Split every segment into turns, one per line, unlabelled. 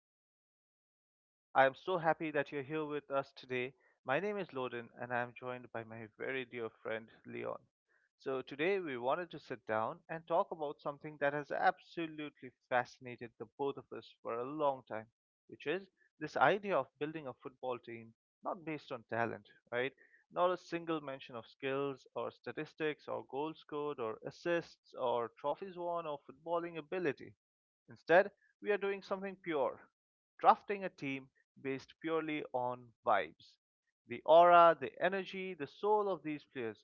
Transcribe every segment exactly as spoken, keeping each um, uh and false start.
fit- football. I am so happy that you're here with us today. My name is Loden, and I am joined by my very dear friend Leon. So, today we wanted to sit down and talk about something that has absolutely fascinated the both of us for a long time, which is this idea of building a football team not based on talent, right? Not a single mention of skills or statistics or goals scored or assists or trophies won or footballing ability. Instead, we are doing something pure, drafting a team based purely on vibes. The aura, the energy, the soul of these players,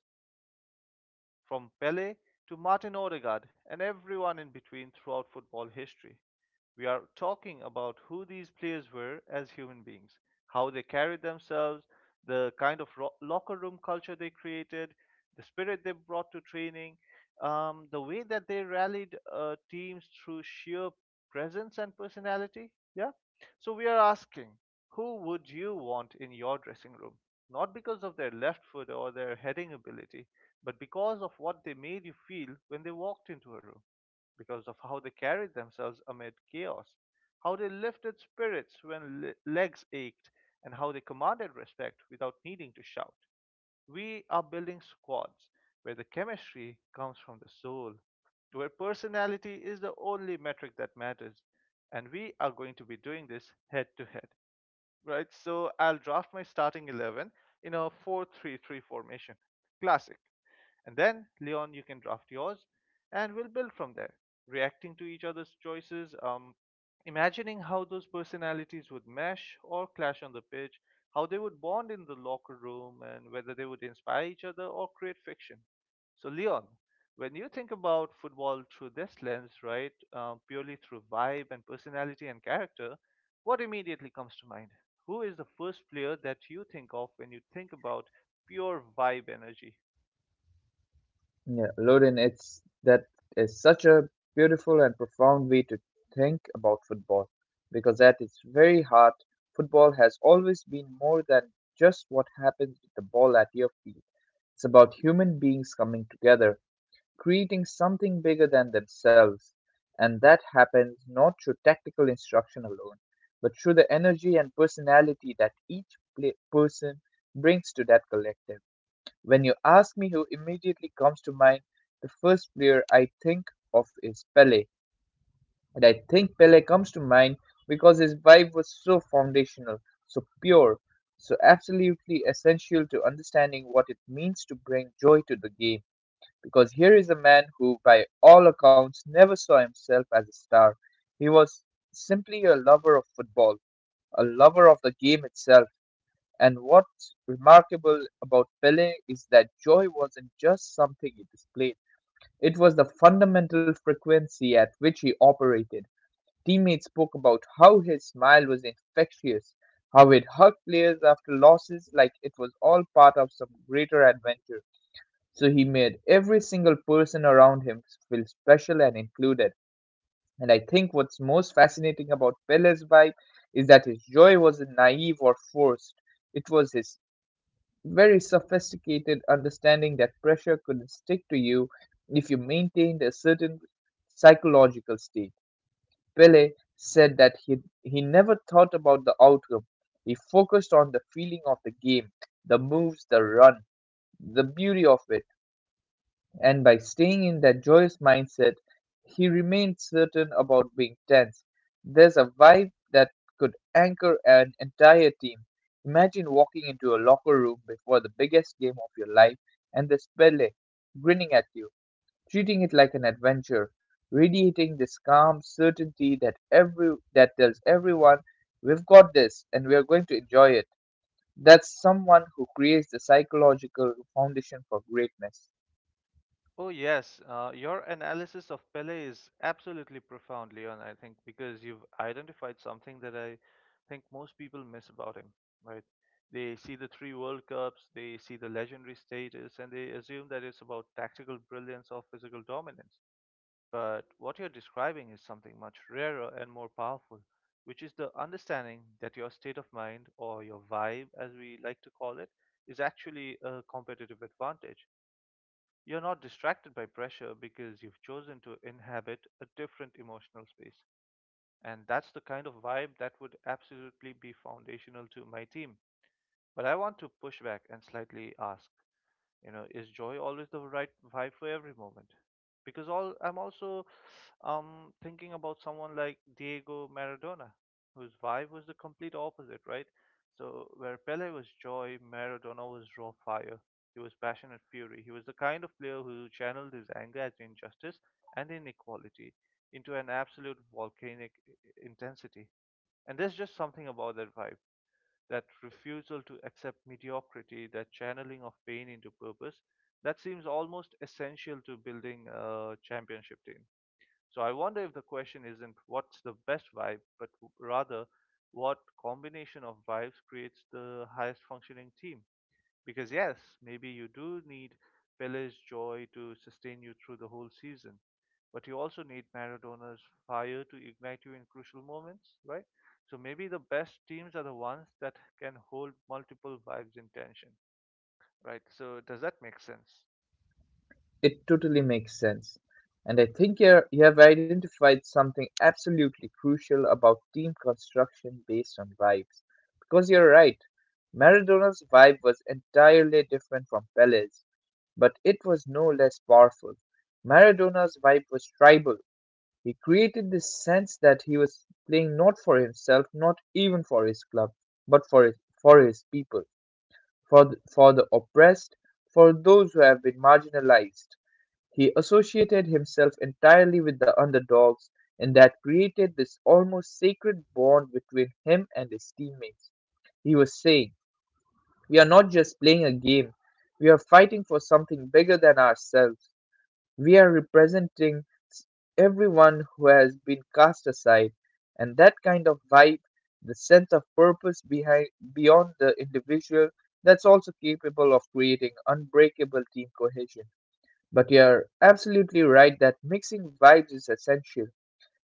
from Pele to Martin Odegaard and everyone in between throughout football history. We are talking about who these players were as human beings, how they carried themselves, the kind of ro- locker room culture they created, the spirit they brought to training, um, the way that they rallied uh, teams through sheer presence and personality. Yeah. So we are asking, who would you want in your dressing room? Not because of their left foot or their heading ability, but because of what they made you feel when they walked into a room, because of how they carried themselves amid chaos, how they lifted spirits when le- legs ached, and how they commanded respect without needing to shout. We are building squads where the chemistry comes from the soul, where personality is the only metric that matters, and we are going to be doing this head to head, right? So I'll draft my starting eleven in a four-three-three formation. Classic. And then, Leon, you can draft yours, and we'll build from there, reacting to each other's choices, um, imagining how those personalities would mesh or clash on the pitch, how they would bond in the locker room, and whether they would inspire each other or create friction. So, Leon, when you think about football through this lens, right, um, purely through vibe and personality and character, what immediately comes to mind? Who is the first player that you think of when you think about pure vibe energy?
Yeah, Loden, it's that is such a beautiful and profound way to think about football because at its very heart, football has always been more than just what happens with the ball at your feet. It's about human beings coming together, creating something bigger than themselves, and that happens not through tactical instruction alone, but through the energy and personality that each pla person brings to that collective. When you ask me who immediately comes to mind, the first player I think of is Pele. And I think Pele comes to mind because his vibe was so foundational, so pure, so absolutely essential to understanding what it means to bring joy to the game. Because here is a man who, by all accounts, never saw himself as a star. He was simply a lover of football, a lover of the game itself, and what's remarkable about Pele is that joy wasn't just something he displayed, it was the fundamental frequency at which he operated. Teammates spoke about how his smile was infectious, how it hugged players after losses like it was all part of some greater adventure. So he made every single person around him feel special and included. And I think what's most fascinating about Pele's vibe is that his joy wasn't naive or forced. It was his very sophisticated understanding that pressure could stick to you if you maintained a certain psychological state. Pele said that he, he never thought about the outcome. He focused on the feeling of the game, the moves, the run, the beauty of it. And by staying in that joyous mindset, he remained certain about being tense. There's a vibe that could anchor an entire team. Imagine walking into a locker room before the biggest game of your life, and there's Pele grinning at you, treating it like an adventure, radiating this calm certainty that every that tells everyone we've got this and we are going to enjoy it. That's someone who creates the psychological foundation for greatness.
Oh, yes. Uh, your analysis of Pele is absolutely profound, Leon, I think, because you've identified something that I think most people miss about him, right? They see the three World Cups, they see the legendary status, and they assume that it's about tactical brilliance or physical dominance. But what you're describing is something much rarer and more powerful, which is the understanding that your state of mind, or your vibe as we like to call it, is actually a competitive advantage. You're not distracted by pressure because you've chosen to inhabit a different emotional space. And that's the kind of vibe that would absolutely be foundational to my team. But I want to push back and slightly ask, you know, is joy always the right vibe for every moment, because all i'm also um thinking about someone like Diego Maradona, whose vibe was the complete opposite, right? So where Pele was joy, Maradona was raw fire. He was passionate fury. He was the kind of player who channeled his anger at injustice and inequality into an absolute volcanic i- intensity. And there's just something about that vibe, that refusal to accept mediocrity, that channeling of pain into purpose, that seems almost essential to building a championship team. So I wonder if the question isn't what's the best vibe, but rather what combination of vibes creates the highest functioning team. Because, yes, maybe you do need Pele's joy to sustain you through the whole season, but you also need Maradona's fire to ignite you in crucial moments, right? So maybe the best teams are the ones that can hold multiple vibes in tension, right? So, does that make sense?
It totally makes sense. And I think you're, you have identified something absolutely crucial about team construction based on vibes. Because you're right, Maradona's vibe was entirely different from Pele's, but it was no less powerful. Maradona's vibe was tribal. He created this sense that he was playing not for himself, not even for his club, but for his, for his people, for the, for the oppressed, for those who have been marginalized. He associated himself entirely with the underdogs, and that created this almost sacred bond between him and his teammates. He was saying, we are not just playing a game, we are fighting for something bigger than ourselves. We are representing s- everyone who has been cast aside, and that kind of vibe, the sense of purpose behind beyond the individual, that's also capable of creating unbreakable team cohesion. But you're absolutely right that mixing vibes is essential.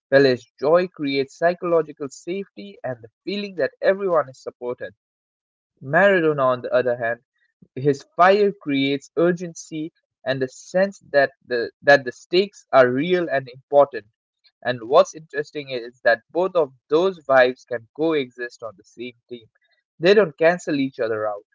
Village joy creates psychological safety and the feeling that everyone is supported. Maradona, on the other hand, his fire creates urgency and the sense that the that the stakes are real and important. And what's interesting is that both of those vibes can coexist on the same team. They don't cancel each other out.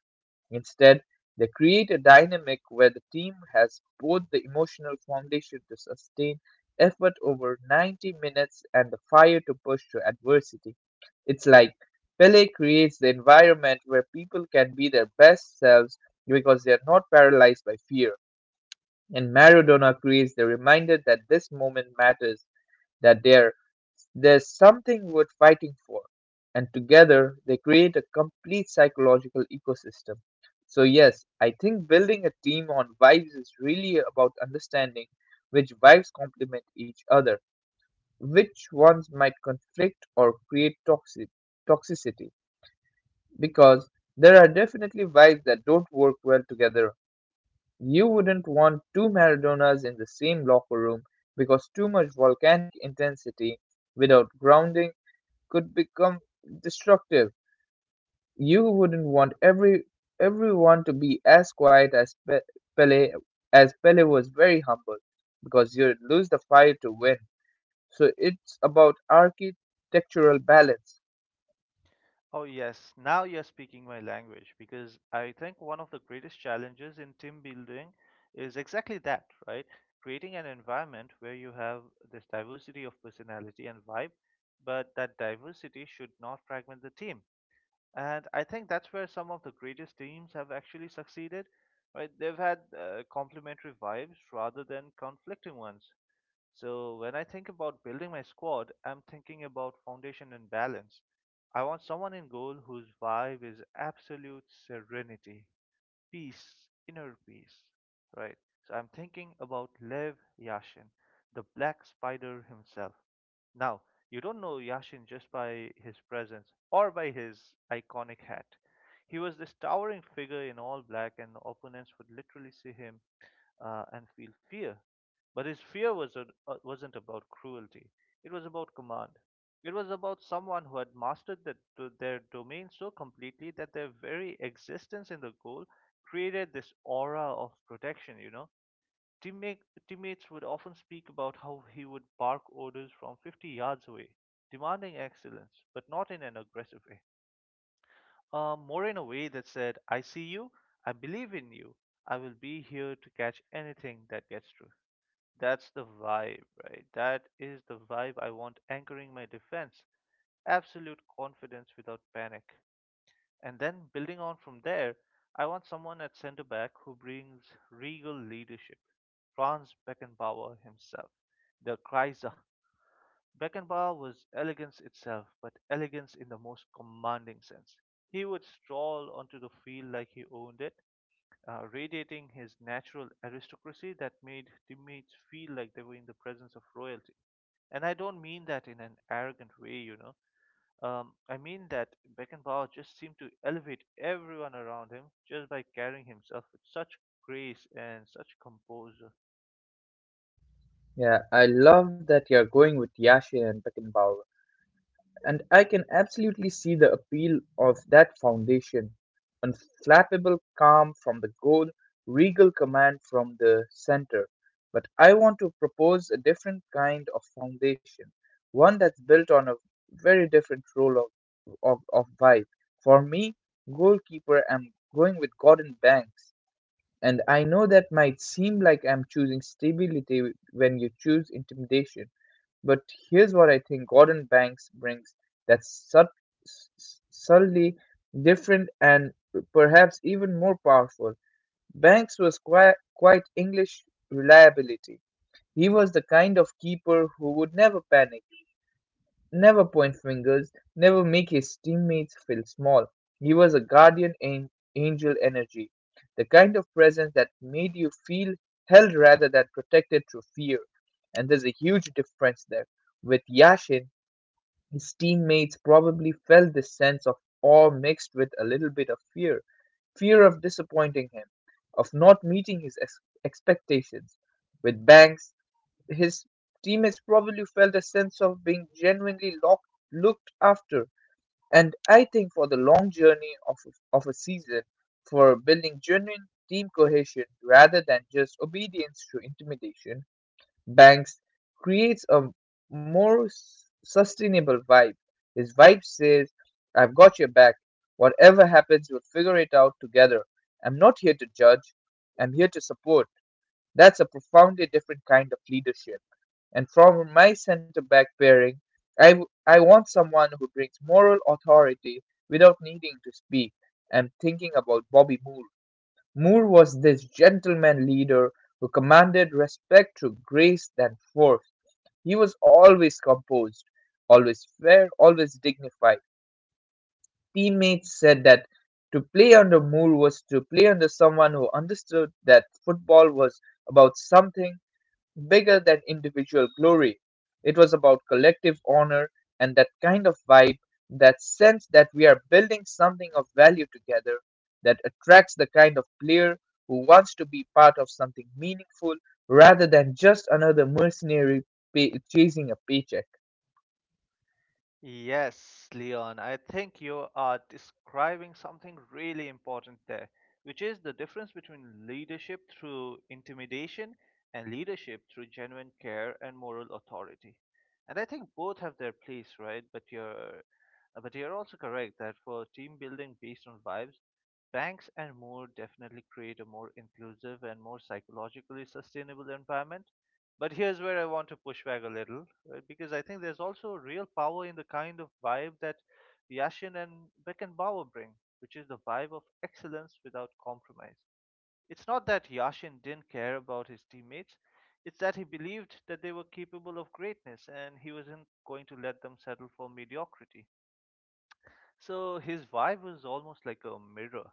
Instead, they create a dynamic where the team has both the emotional foundation to sustain effort over ninety minutes and the fire to push through adversity. It's like Pele creates the environment where people can be their best selves because they are not paralyzed by fear. And Maradona creates the reminder that this moment matters, that there, there's something worth fighting for, and together they create a complete psychological ecosystem. So, yes, I think building a team on vibes is really about understanding which vibes complement each other, which ones might conflict or create toxic toxicity, because there are definitely vibes that don't work well together. You wouldn't want two Maradonas in the same locker room because too much volcanic intensity without grounding could become destructive. You wouldn't want every everyone to be as quiet as Pe- Pele, as Pele was very humble, because you'd lose the fight to win. So it's about architectural balance.
Oh, yes, now you're speaking my language, because I think one of the greatest challenges in team building is exactly that, right? Creating an environment where you have this diversity of personality and vibe, but that diversity should not fragment the team. And I think that's where some of the greatest teams have actually succeeded, right? They've had uh, complementary vibes rather than conflicting ones. So when I think about building my squad, I'm thinking about foundation and balance. I want someone in goal whose vibe is absolute serenity, peace, inner peace, right? So I'm thinking about Lev Yashin, the black spider himself. Now, you don't know Yashin just by his presence or by his iconic hat. He was this towering figure in all black, and opponents would literally see him uh, and feel fear. But his fear was a, uh, wasn't about cruelty, it was about command. It was about someone who had mastered the, do- their domain so completely that their very existence in the goal created this aura of protection, you know. Teammate, Teammates would often speak about how he would bark orders from fifty yards away, demanding excellence, but not in an aggressive way. Uh, more in a way that said, I see you, I believe in you, I will be here to catch anything that gets through. That's the vibe, right? That is the vibe I want anchoring my defense. Absolute confidence without panic. And then building on from there, I want someone at center back who brings regal leadership. Franz Beckenbauer himself, the Kaiser. Beckenbauer was elegance itself, but elegance in the most commanding sense. He would stroll onto the field like he owned it, uh, radiating his natural aristocracy that made teammates feel like they were in the presence of royalty. And I don't mean that in an arrogant way, you know. Um, I mean that Beckenbauer just seemed to elevate everyone around him just by carrying himself with such grace and such composure.
Yeah, I love that you're going with Yashin and Beckenbauer. And I can absolutely see the appeal of that foundation. Unflappable calm from the goal, regal command from the center. But I want to propose a different kind of foundation, one that's built on a very different role of, of, of vibe. For me, goalkeeper, I'm going with Gordon Banks. And I know that might seem like I'm choosing stability when you choose intimidation, but here's what I think Gordon Banks brings that's sub- s- s- subtly different and perhaps even more powerful. Banks was quite, quite English reliability. He was the kind of keeper who would never panic, never point fingers, never make his teammates feel small. He was a guardian an- angel energy, the kind of presence that made you feel held rather than protected through fear. And there's a huge difference there. With Yashin, his teammates probably felt this sense of awe mixed with a little bit of fear fear of disappointing him, of not meeting his ex- expectations. With Banks, his teammates probably felt a sense of being genuinely lock, looked after. And I think for the long journey of, of a season, for building genuine team cohesion rather than just obedience to intimidation, Banks creates a more s- sustainable vibe. His vibe says, I've got your back. Whatever happens, we'll figure it out together. I'm not here to judge, I'm here to support. That's a profoundly different kind of leadership. And from my center back pairing, I, w- I want someone who brings moral authority without needing to speak. I'm thinking about Bobby Moore. Moore was this gentleman leader who commanded respect through grace than force. He was always composed, always fair, always dignified. Teammates said that to play under Moore was to play under someone who understood that football was about something bigger than individual glory. It was about collective honor, and that kind of vibe, that sense that we are building something of value together, that attracts the kind of player who wants to be part of something meaningful rather than just another mercenary pay- chasing a paycheck.
Yes, Leon, I think you are describing something really important there, which is the difference between leadership through intimidation and leadership through genuine care and moral authority. And I think both have their place, right? But you're uh, but you're also correct that for team building based on vibes, Banks and more definitely create a more inclusive and more psychologically sustainable environment. But here's where I want to push back a little, right? Because I think there's also real power in the kind of vibe that Yashin and Beckenbauer bring, which is the vibe of excellence without compromise. It's not that Yashin didn't care about his teammates, it's that he believed that they were capable of greatness and he wasn't going to let them settle for mediocrity. So his vibe was almost like a mirror.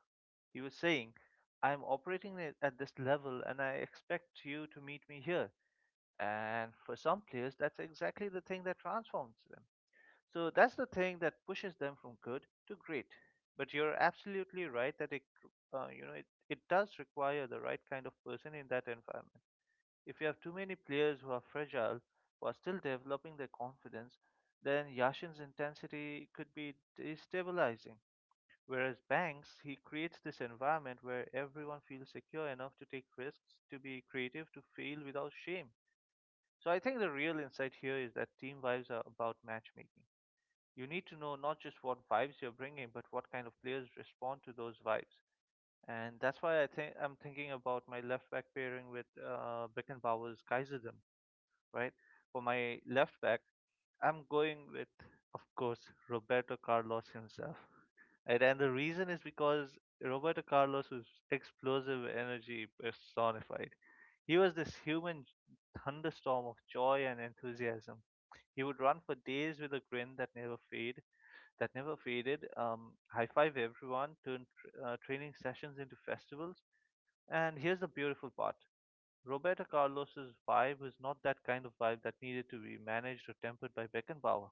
He was saying, I'm operating at at this level and I expect you to meet me here. And for some players, that's exactly the thing that transforms them. So that's the thing that pushes them from good to great. But you're absolutely right that it, uh, you know, it, it does require the right kind of person in that environment. If you have too many players who are fragile, who are still developing their confidence, then Yashin's intensity could be destabilizing. Whereas Banks, he creates this environment where everyone feels secure enough to take risks, to be creative, to fail without shame. So I think the real insight here is that team vibes are about matchmaking. You need to know not just what vibes you're bringing, but what kind of players respond to those vibes. And that's why I think I'm thinking about my left back pairing with uh, Beckenbauer's Kaiserdom, right? For my left back, I'm going with, of course, Roberto Carlos himself. Right, and the reason is because Roberto Carlos was explosive energy personified. He was this human thunderstorm of joy and enthusiasm. He would run for days with a grin that never fade, that never faded. Um, high five everyone, turn tr- uh, training sessions into festivals. And here's the beautiful part: Roberto Carlos's vibe was not that kind of vibe that needed to be managed or tempered by Beckenbauer.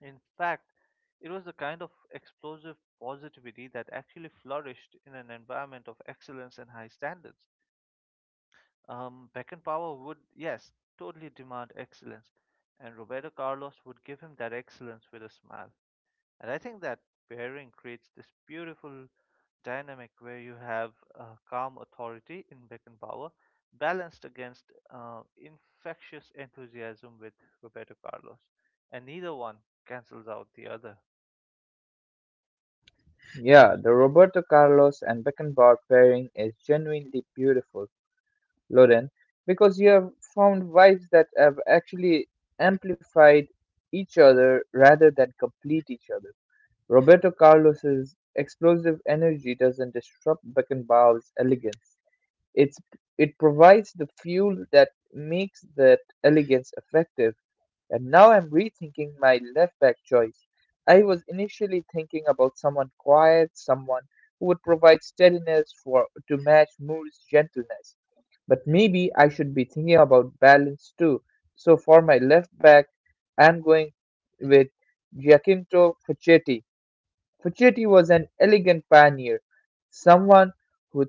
In fact, it was the kind of explosive positivity that actually flourished in an environment of excellence and high standards. Um, Beckenbauer would, yes, totally demand excellence, and Roberto Carlos would give him that excellence with a smile. And I think that pairing creates this beautiful dynamic where you have uh, calm authority in Beckenbauer balanced against uh, infectious enthusiasm with Roberto Carlos, and neither one cancels out the other.
Yeah, the Roberto Carlos and Beckenbauer pairing is genuinely beautiful. Lauren, because you have found vibes that have actually amplified each other rather than complete each other. Roberto Carlos's explosive energy doesn't disrupt Beckenbauer's elegance. It's it provides the fuel that makes that elegance effective. And now I'm rethinking my left back choice. I was initially thinking about someone quiet, someone who would provide steadiness for to match Moore's gentleness. But maybe I should be thinking about balance too. So for my left back, I'm going with Giacinto Facchetti. Facchetti was an elegant pioneer, someone who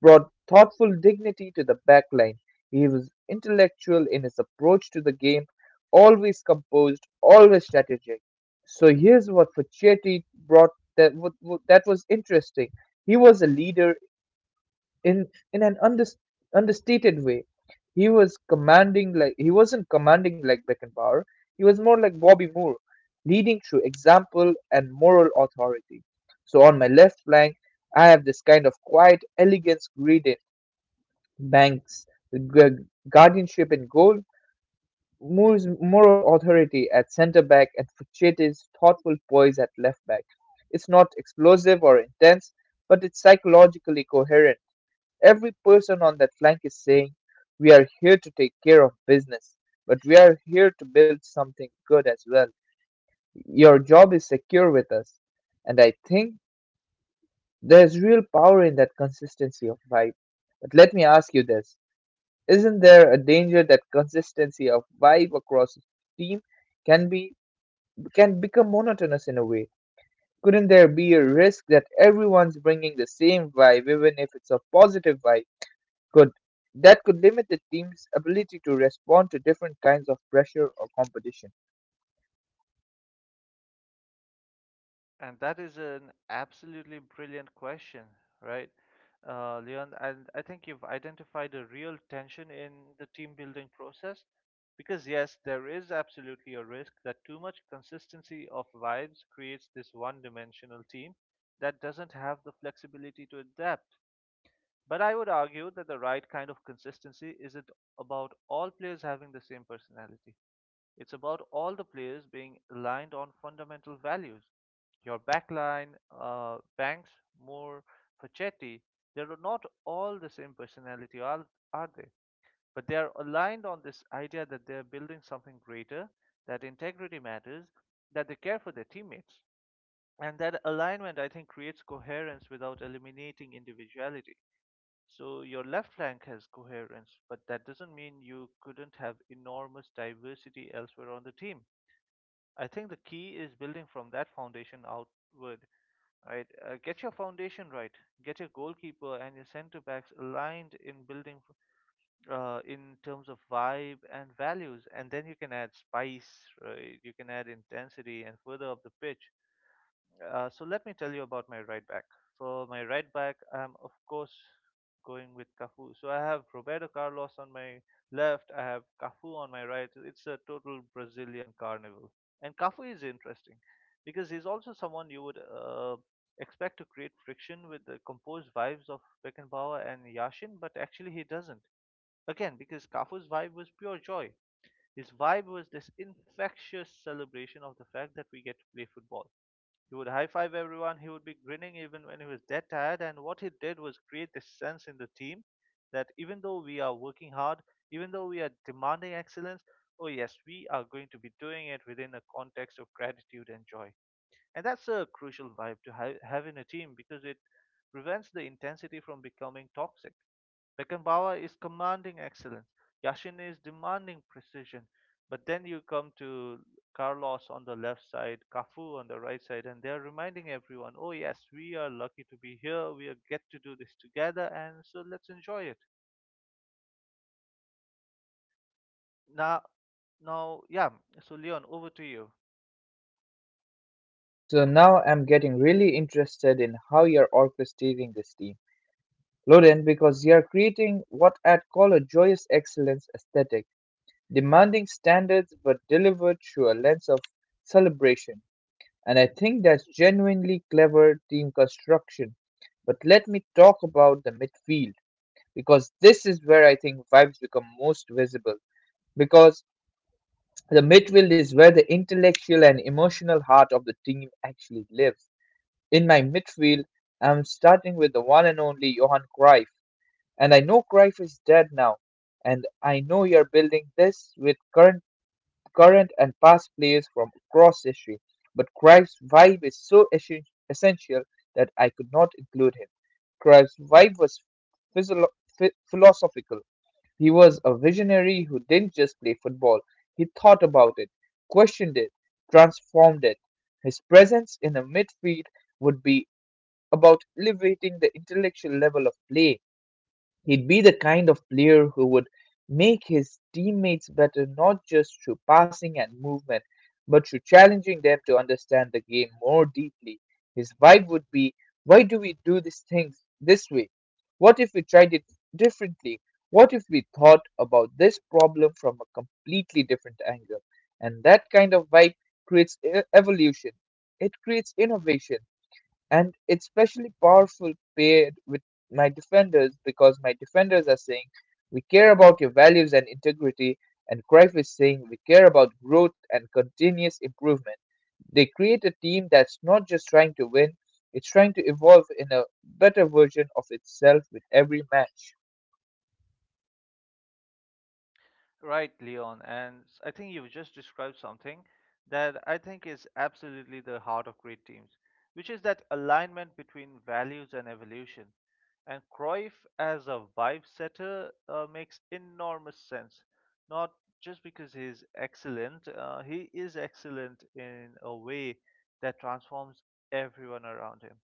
brought thoughtful dignity to the back line. He was intellectual in his approach to the game, always composed, always strategic. So here's what Facchetti brought that wa- wa- that was interesting. He was a leader in in an unders- understated way. He was commanding like he wasn't commanding like Beckenbauer. He was more like Bobby Moore, leading through example and moral authority. So on my left flank, I have this kind of quiet elegance gradient, Banks' gu- guardianship in goal, Moore's moral authority at centre back, and Fuchetti's thoughtful poise at left back. It's not explosive or intense, but it's psychologically coherent. Every person on that flank is saying, we are here to take care of business, but we are here to build something good as well. Your job is secure with us. And I think there's real power in that consistency of vibe. But let me ask you this: isn't there a danger that consistency of vibe across a team can be can become monotonous in a way? Couldn't there be a risk that everyone's bringing the same vibe, even if it's a positive vibe? Could That could limit the team's ability to respond to different kinds of pressure or competition.
And that is an absolutely brilliant question, right? Uh, Leon, and I think you've identified a real tension in the team building process because, yes, there is absolutely a risk that too much consistency of vibes creates this one dimensional team that doesn't have the flexibility to adapt. But I would argue that the right kind of consistency isn't about all players having the same personality. It's about all the players being aligned on fundamental values. Your backline, uh, Banks, Moore, Facchetti, they're not all the same personality, are, are they? But they are aligned on this idea that they're building something greater, that integrity matters, that they care for their teammates. And that alignment, I think, creates coherence without eliminating individuality. So your left flank has coherence, but that doesn't mean you couldn't have enormous diversity elsewhere on the team. I think the key is building from that foundation outward, right? Uh, get your foundation right. Get your goalkeeper and your centre backs aligned in building uh, in terms of vibe and values, and then you can add spice, right? You can add intensity and further up the pitch. Uh, so let me tell you about my right back. For my right back, I'm of course going with Cafu. So I have Roberto Carlos on my left. I have Cafu on my right. It's a total Brazilian carnival. And Cafu is interesting because he's also someone you would uh, expect to create friction with the composed vibes of Beckenbauer and Yashin, but actually he doesn't. Again, because Cafu's vibe was pure joy. His vibe was this infectious celebration of the fact that we get to play football. He would high five everyone. He would be grinning even when he was dead tired. And what he did was create this sense in the team that even though we are working hard, even though we are demanding excellence, oh yes, we are going to be doing it within a context of gratitude and joy. And that's a crucial vibe to ha- have in a team because it prevents the intensity from becoming toxic. Beckenbauer is commanding excellence. Yashin is demanding precision. But then you come to Carlos on the left side, Cafu on the right side, and they're reminding everyone, oh, yes, we are lucky to be here. We get to do this together, and so let's enjoy it. Now, now, yeah, so Leon, over to you.
So now I'm getting really interested in how you're orchestrating this team, Loden, because you're creating what I'd call a joyous excellence aesthetic, demanding standards but delivered through a lens of celebration. And I think that's genuinely clever team construction. But let me talk about the midfield because this is where I think vibes become most visible. Because the midfield is where the intellectual and emotional heart of the team actually lives. In my midfield, I'm starting with the one and only Johan Cruyff. And I know Cruyff is dead now. And I know you're building this with current current and past players from across history, but Cruyff's vibe is so essen- essential that I could not include him. Cruyff's vibe was physio- ph- philosophical. He was a visionary who didn't just play football, he thought about it, questioned it, transformed it. His presence in a midfield would be about elevating the intellectual level of play. He'd be the kind of player who would make his teammates better not just through passing and movement, but through challenging them to understand the game more deeply. His vibe would be, why do we do these things this way? What if we tried it differently? What if we thought about this problem from a completely different angle? And that kind of vibe creates e- evolution, it creates innovation, and it's especially powerful paired with my defenders, because my defenders are saying we care about your values and integrity, and Cruyff is saying we care about growth and continuous improvement. They create a team that's not just trying to win, it's trying to evolve in a better version of itself with every match.
Right, Leon. And s- I think you've just described something that I think is absolutely the heart of great teams, which is that alignment between values and evolution. And Cruyff as a vibe setter uh, makes enormous sense, not just because he's excellent, uh, he is excellent in a way that transforms everyone around him,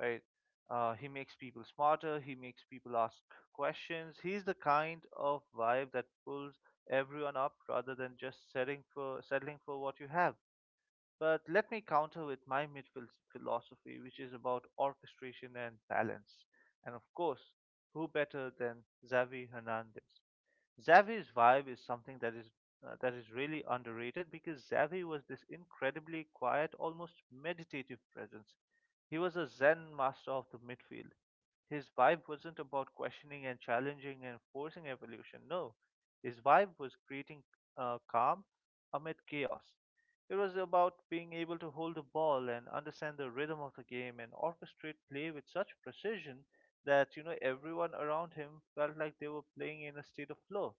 right? Uh, he makes people smarter. He makes people ask questions. He's the kind of vibe that pulls everyone up rather than just settling for settling for what you have. But let me counter with my midfield philosophy, which is about orchestration and balance. And of course, who better than Xavi Hernandez? Xavi's vibe is something that is uh, that is really underrated because Xavi was this incredibly quiet, almost meditative presence. He was a Zen master of the midfield. His vibe wasn't about questioning and challenging and forcing evolution. No, his vibe was creating uh, calm amid chaos. It was about being able to hold the ball and understand the rhythm of the game and orchestrate play with such precision that you know everyone around him felt like they were playing in a state of flow.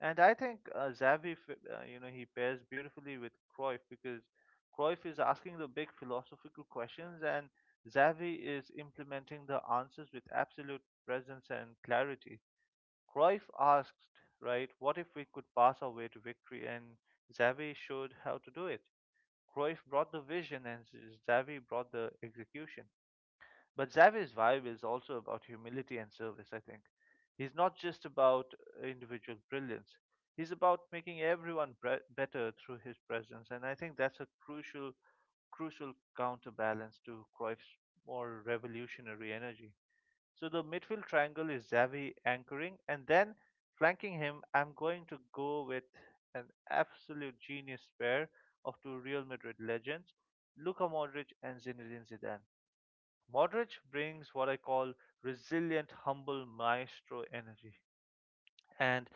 And I think uh, Xavi, fi- uh, you know, he pairs beautifully with Cruyff because Cruyff is asking the big philosophical questions and Xavi is implementing the answers with absolute presence and clarity. Cruyff asked, right, what if we could pass our way to victory? And Xavi showed how to do it. Cruyff brought the vision and Xavi brought the execution. But Xavi's vibe is also about humility and service, I think. He's not just about individual brilliance. He's about making everyone bre- better through his presence, and I think that's a crucial, crucial counterbalance to Cruyff's more revolutionary energy. So the midfield triangle is Xavi anchoring, and then flanking him, I'm going to go with an absolute genius pair of two Real Madrid legends, Luka Modric and Zinedine Zidane. Modric brings what I call resilient, humble maestro energy, and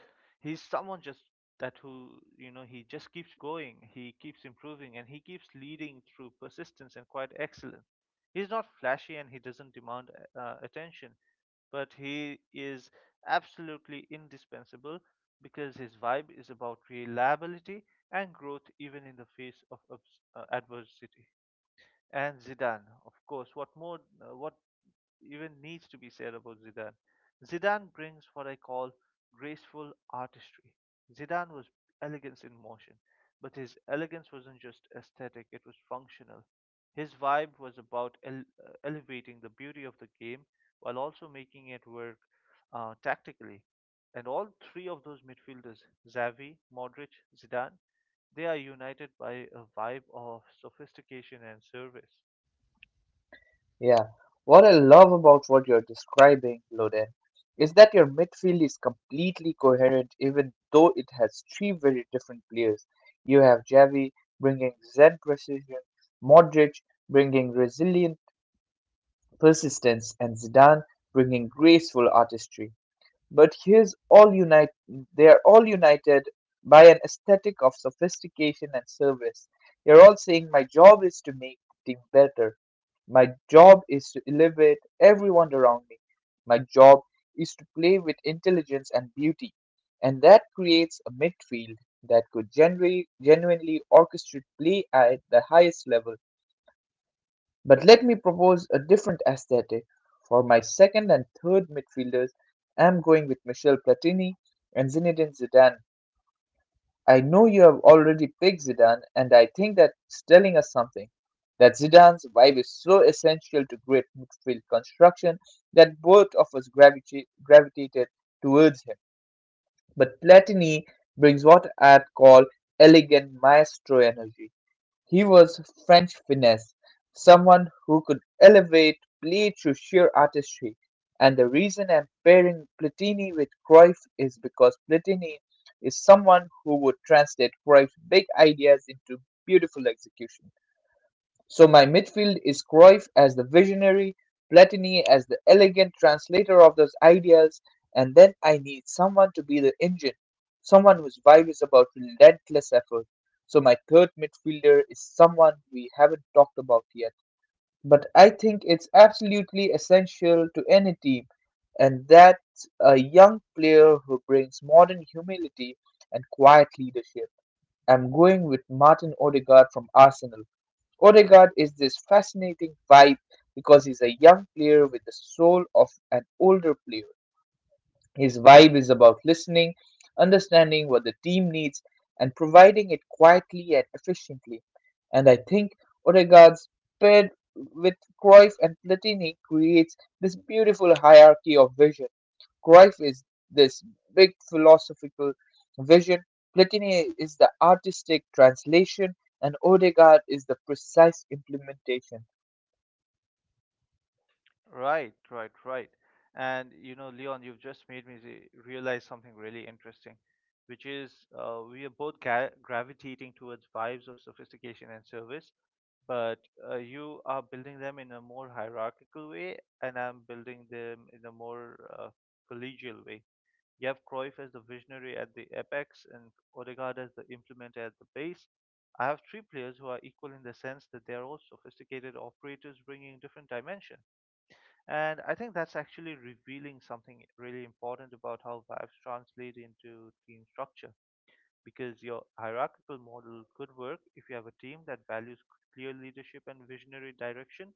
he's someone just that who you know he just keeps going, he keeps improving, and he keeps leading through persistence and quite excellence. He's not flashy and he doesn't demand uh, attention, but he is absolutely indispensable because his vibe is about reliability and growth even in the face of obs- uh, adversity. And Zidane, of course, what more uh, what even needs to be said about Zidane. Zidane brings what I call graceful artistry. Zidane was elegance in motion, but his elegance wasn't just aesthetic, it was functional. His vibe was about ele- uh, elevating the beauty of the game while also making it work uh, tactically. And all three of those midfielders, Xavi, Modric, Zidane, they are united by a vibe of sophistication and service.
Yeah. What I love about what you're describing, Loden, is that your midfield is completely coherent, even though it has three very different players. You have Javi bringing Zen precision, Modric bringing resilient persistence, and Zidane bringing graceful artistry. But here's all unite they are all united by an aesthetic of sophistication and service. They're all saying my job is to make the team better. My job is to elevate everyone around me. My job is to play with intelligence and beauty. And that creates a midfield that could genu- genuinely orchestrate play at the highest level. But let me propose a different aesthetic. For my second and third midfielders, I'm going with Michel Platini and Zinedine Zidane. I know you have already picked Zidane, and I think that's telling us something. That Zidane's vibe is so essential to great midfield construction that both of us gravita- gravitated towards him. But Platini brings what I'd call elegant maestro energy. He was French finesse, someone who could elevate play through sheer artistry, and the reason I'm pairing Platini with Cruyff is because Platini is someone who would translate Cruyff's big ideas into beautiful execution. So my midfield is Cruyff as the visionary, Platini as the elegant translator of those ideals, and then I need someone to be the engine, someone whose vibe is about relentless effort. So my third midfielder is someone we haven't talked about yet, but I think it's absolutely essential to any team, and that's a young player who brings modern humility and quiet leadership. I'm going with Martin Odegaard from Arsenal. Odegaard is this fascinating vibe because he's a young player with the soul of an older player. His vibe is about listening, understanding what the team needs, and providing it quietly and efficiently. And I think Odegaard's paired with Cruyff and Platini creates this beautiful hierarchy of vision. Cruyff is this big philosophical vision, Platini is the artistic translation, and Odegaard is the precise implementation.
Right, right, right. And you know, Leon, you've just made me re- realize something really interesting, which is uh, we are both ga- gravitating towards vibes of sophistication and service, but uh, you are building them in a more hierarchical way, and I'm building them in a more uh, collegial way. You have Cruyff as the visionary at the apex and Odegaard as the implementer at the base. I have three players who are equal in the sense that they are all sophisticated operators bringing different dimensions, and I think that's actually revealing something really important about how vibes translate into team structure because your hierarchical model could work if you have a team that values clear leadership and visionary direction.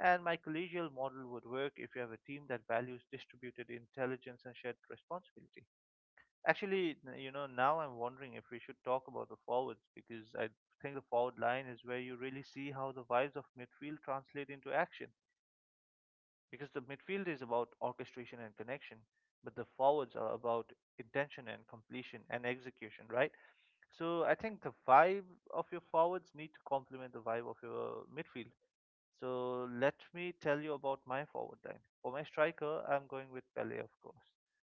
And my collegial model would work if you have a team that values distributed intelligence and shared responsibility. Actually, n- you know, now I'm wondering if we should talk about the forwards because I think the forward line is where you really see how the vibes of midfield translate into action because the midfield is about orchestration and connection, but the forwards are about intention and completion and execution, right? So I think the vibe of your forwards need to complement the vibe of your midfield. So let me tell you about my forward line. For my striker, I'm going with Pele, of course.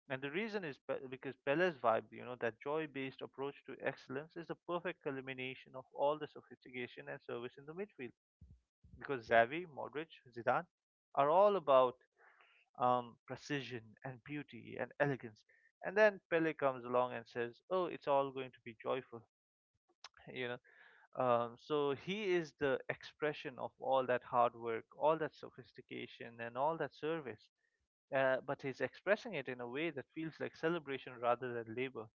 And the reason is pe- because Pele's vibe, you know, that joy based approach to excellence is the perfect culmination of all the sophistication and service in the midfield. Because Xavi, Modric, Zidane are all about um, precision and beauty and elegance. And then Pele comes along and says, "Oh, it's all going to be joyful," you know. Um, so he is the expression of all that hard work, all that sophistication, and all that service. Uh, but he's expressing it in a way that feels like celebration rather than labor,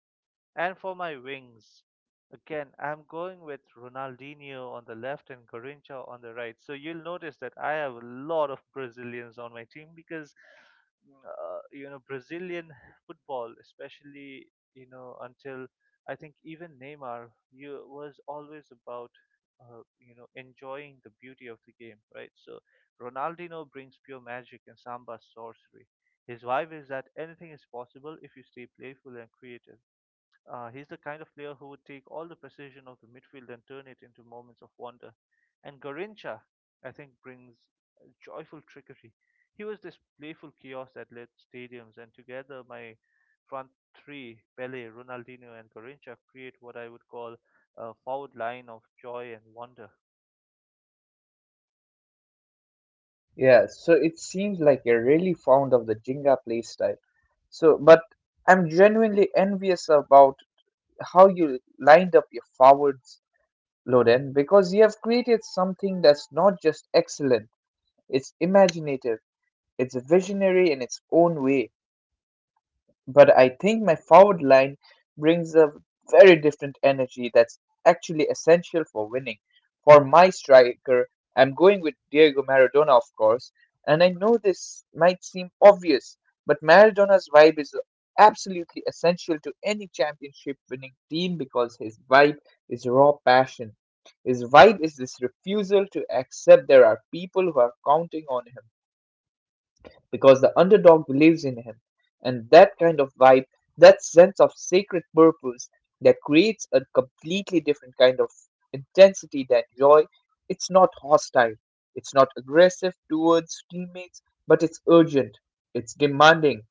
and for my wings, again, I'm going with Ronaldinho on the left and Garrincha on the right. So you'll notice that I have a lot of Brazilians on my team because, mm, uh, you know, Brazilian football, especially, you know, until I think even Neymar, you was always about, uh, you know, enjoying the beauty of the game, right? So Ronaldinho brings pure magic and Samba sorcery. His vibe is that anything is possible if you stay playful and creative. Uh, he's the kind of player who would take all the precision of the midfield and turn it into moments of wonder. And Garincha, I think, brings joyful trickery. He was this playful chaos that lit stadiums, and together my front three, Pele, Ronaldinho, and Garincha, create what I would call a forward line of joy and wonder.
Yeah, so it seems like you're really fond of the Jenga playstyle. So, but I'm genuinely envious about how you lined up your forwards, Loden, because you have created something that's not just excellent, it's imaginative, it's visionary in its own way. But I think my forward line brings a very different energy that's actually essential for winning. For my striker, I'm going with Diego Maradona, of course, and I know this might seem obvious, but Maradona's vibe is absolutely essential to any championship winning team, because his vibe is raw passion. His vibe is this refusal to accept there are people who are counting on him because the underdog believes in him. And that kind of vibe, that sense of sacred purpose, that creates a completely different kind of intensity than joy. It's not hostile, it's not aggressive towards teammates, but it's urgent, it's demanding.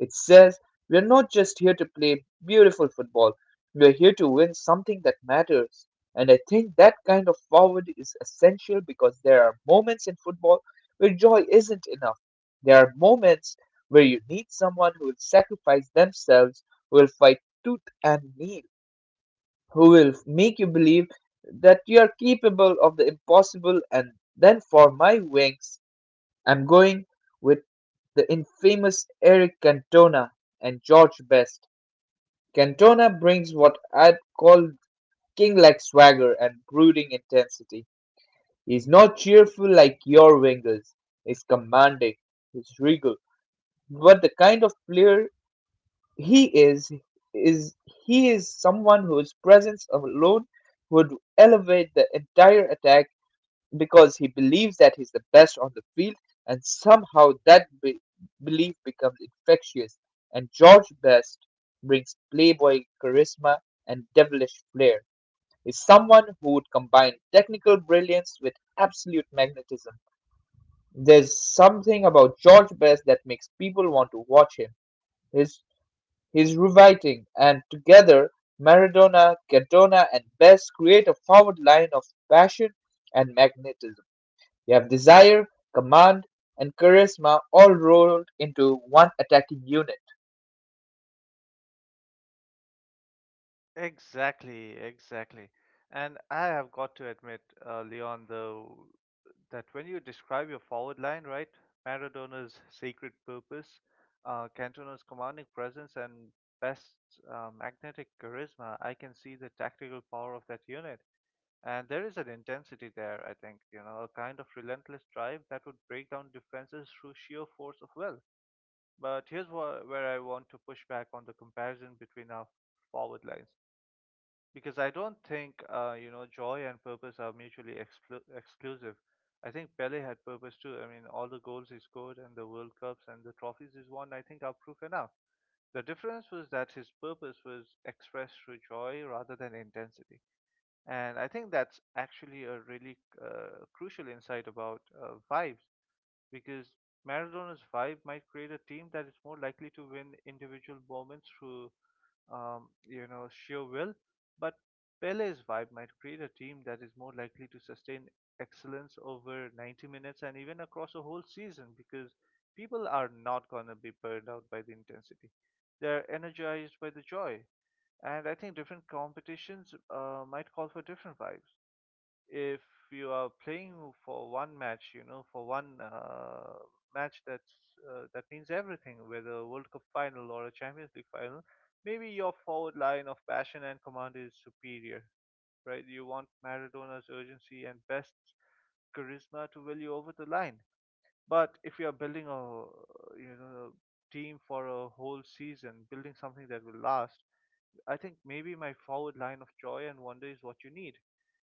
It says, we're not just here to play beautiful football, we're here to win something that matters. And I think that kind of forward is essential, because there are moments in football where joy isn't enough. There are moments where you need someone who will sacrifice themselves, who will fight tooth and nail, who will make you believe that you are capable of the impossible. And then for my wings, I'm going with the infamous Eric Cantona and George Best. Cantona brings what I'd call king like swagger and brooding intensity. He's not cheerful like your wingers, he's commanding, he's regal, but the kind of player he is is he is someone whose presence alone would elevate the entire attack, because he believes that he's the best on the field, and somehow that be- belief becomes infectious. And George Best brings playboy charisma and devilish flair. Is someone who would combine technical brilliance with absolute magnetism. There's something about George Best that makes people want to watch him his He's rewriting. And together, Maradona, Cardona, and Best create a forward line of passion and magnetism. You have desire, command, and charisma all rolled into one attacking unit.
Exactly, exactly. And I have got to admit, uh, Leon, though, that when you describe your forward line, right, Maradona's sacred purpose, uh, Cantona's commanding presence, and best uh, magnetic charisma, I can see the tactical power of that unit. And there is an intensity there, I think, you know, a kind of relentless drive that would break down defenses through sheer force of will. But here's wha- where I want to push back on the comparison between our forward lines because I don't think uh, you know, joy and purpose are mutually exclu- exclusive. I think Pele had purpose too. I mean, all the goals he scored and the World Cups and the trophies he's won, I think, are proof enough. The difference was that his purpose was expressed through joy rather than intensity, and I think that's actually a really uh, crucial insight about uh, vibes because Maradona's vibe might create a team that is more likely to win individual moments through um, you know, sheer will, but Pele's vibe might create a team that is more likely to sustain excellence over ninety minutes and even across a whole season because people are not going to be burned out by the intensity. They're energized by the joy. And I think different competitions uh, might call for different vibes if you are playing for one match, you know, for one uh, match that's uh, that means everything, whether a World Cup final or a Champions League final, maybe your forward line of passion and command is superior, right? You want Maradona's urgency and best charisma to will you over the line. But if you are building a you know team for a whole season, building something that will last, I think maybe my forward line of joy and wonder is what you need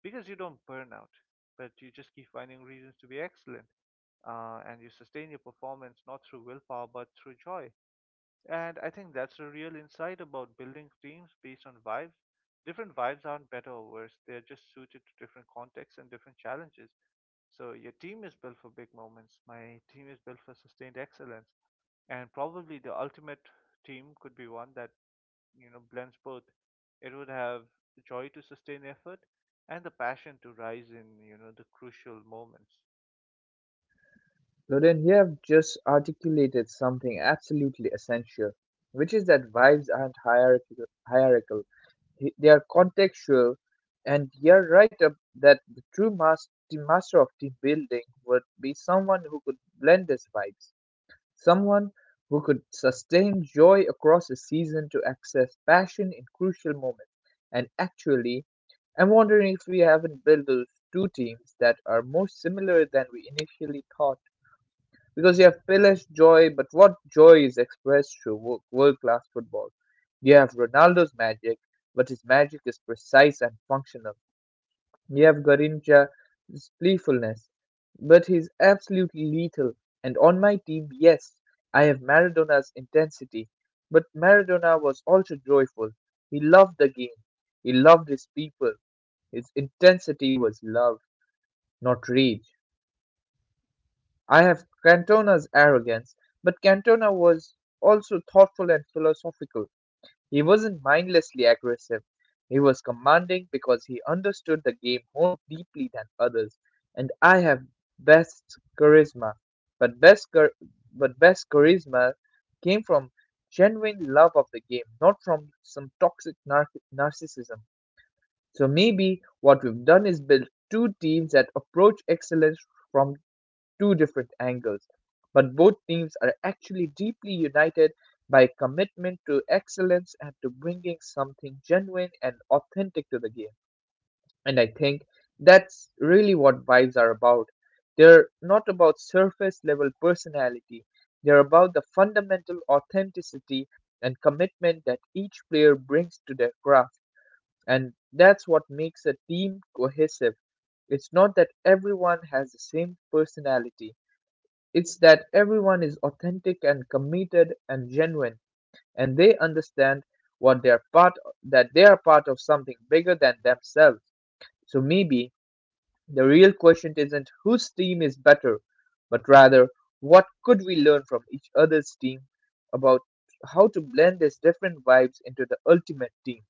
because you don't burn out, but you just keep finding reasons to be excellent. Uh, and you sustain your performance not through willpower but through joy. And I think that's the real insight about building teams based on vibes. Different vibes aren't better or worse, they're just suited to different contexts and different challenges. So your team is built for big moments, my team is built for sustained excellence. And probably the ultimate team could be one that you know blends both. It would have joy to sustain effort and the passion to rise in you know the crucial moments.
Loden, you have just articulated something absolutely essential, which is that vibes aren't hierarchical. hierarchical. He- They are contextual, and you're right up that the true mas- the master of team building would be someone who could blend these vibes. Someone who could sustain joy across a season to access passion in crucial moments. And actually, I'm wondering if we haven't built those two teams that are more similar than we initially thought. Because you have Pele's joy, but what joy is expressed through world class football? You have Ronaldo's magic, but his magic is precise and functional. You have Garrincha's playfulness, but he's absolutely lethal. And on my team, yes, I have Maradona's intensity, but Maradona was also joyful. He loved the game, he loved his people. His intensity was love, not rage. I have Cantona's arrogance, but Cantona was also thoughtful and philosophical. He wasn't mindlessly aggressive. He was commanding because he understood the game more deeply than others. And I have best charisma, but best char- but best charisma came from genuine love of the game, not from some toxic nar- narcissism. So maybe what we've done is build two teams that approach excellence from two different angles, but both teams are actually deeply united by commitment to excellence and to bringing something genuine and authentic to the game. And I think that's really what vibes are about. They're not about surface level personality, they're about the fundamental authenticity and commitment that each player brings to their craft. And that's what makes a team cohesive. It's not that everyone has the same personality, it's that everyone is authentic and committed and genuine, and they understand what they're part that they are part of something bigger than themselves. So maybe the real question isn't whose team is better, but rather what could we learn from each other's team about how to blend these different vibes into the ultimate team.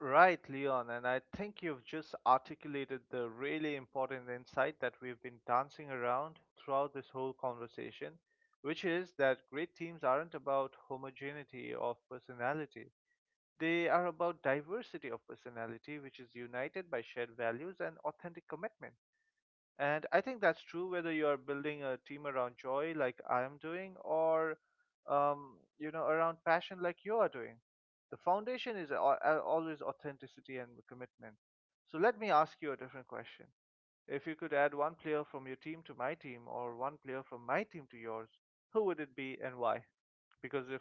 Right, Leon, and I think you've just articulated the really important insight that we've been dancing around throughout this whole conversation, which is that great teams aren't about homogeneity of personality. They are about diversity of personality, which is united by shared values and authentic commitment. And I think that's true whether you're building a team around joy, like I am doing, or um, you know, around passion, like you are doing. The foundation is al- al- always authenticity and commitment. So let me ask you a different question. If you could add one player from your team to my team or one player from my team to yours, who would it be and why? Because if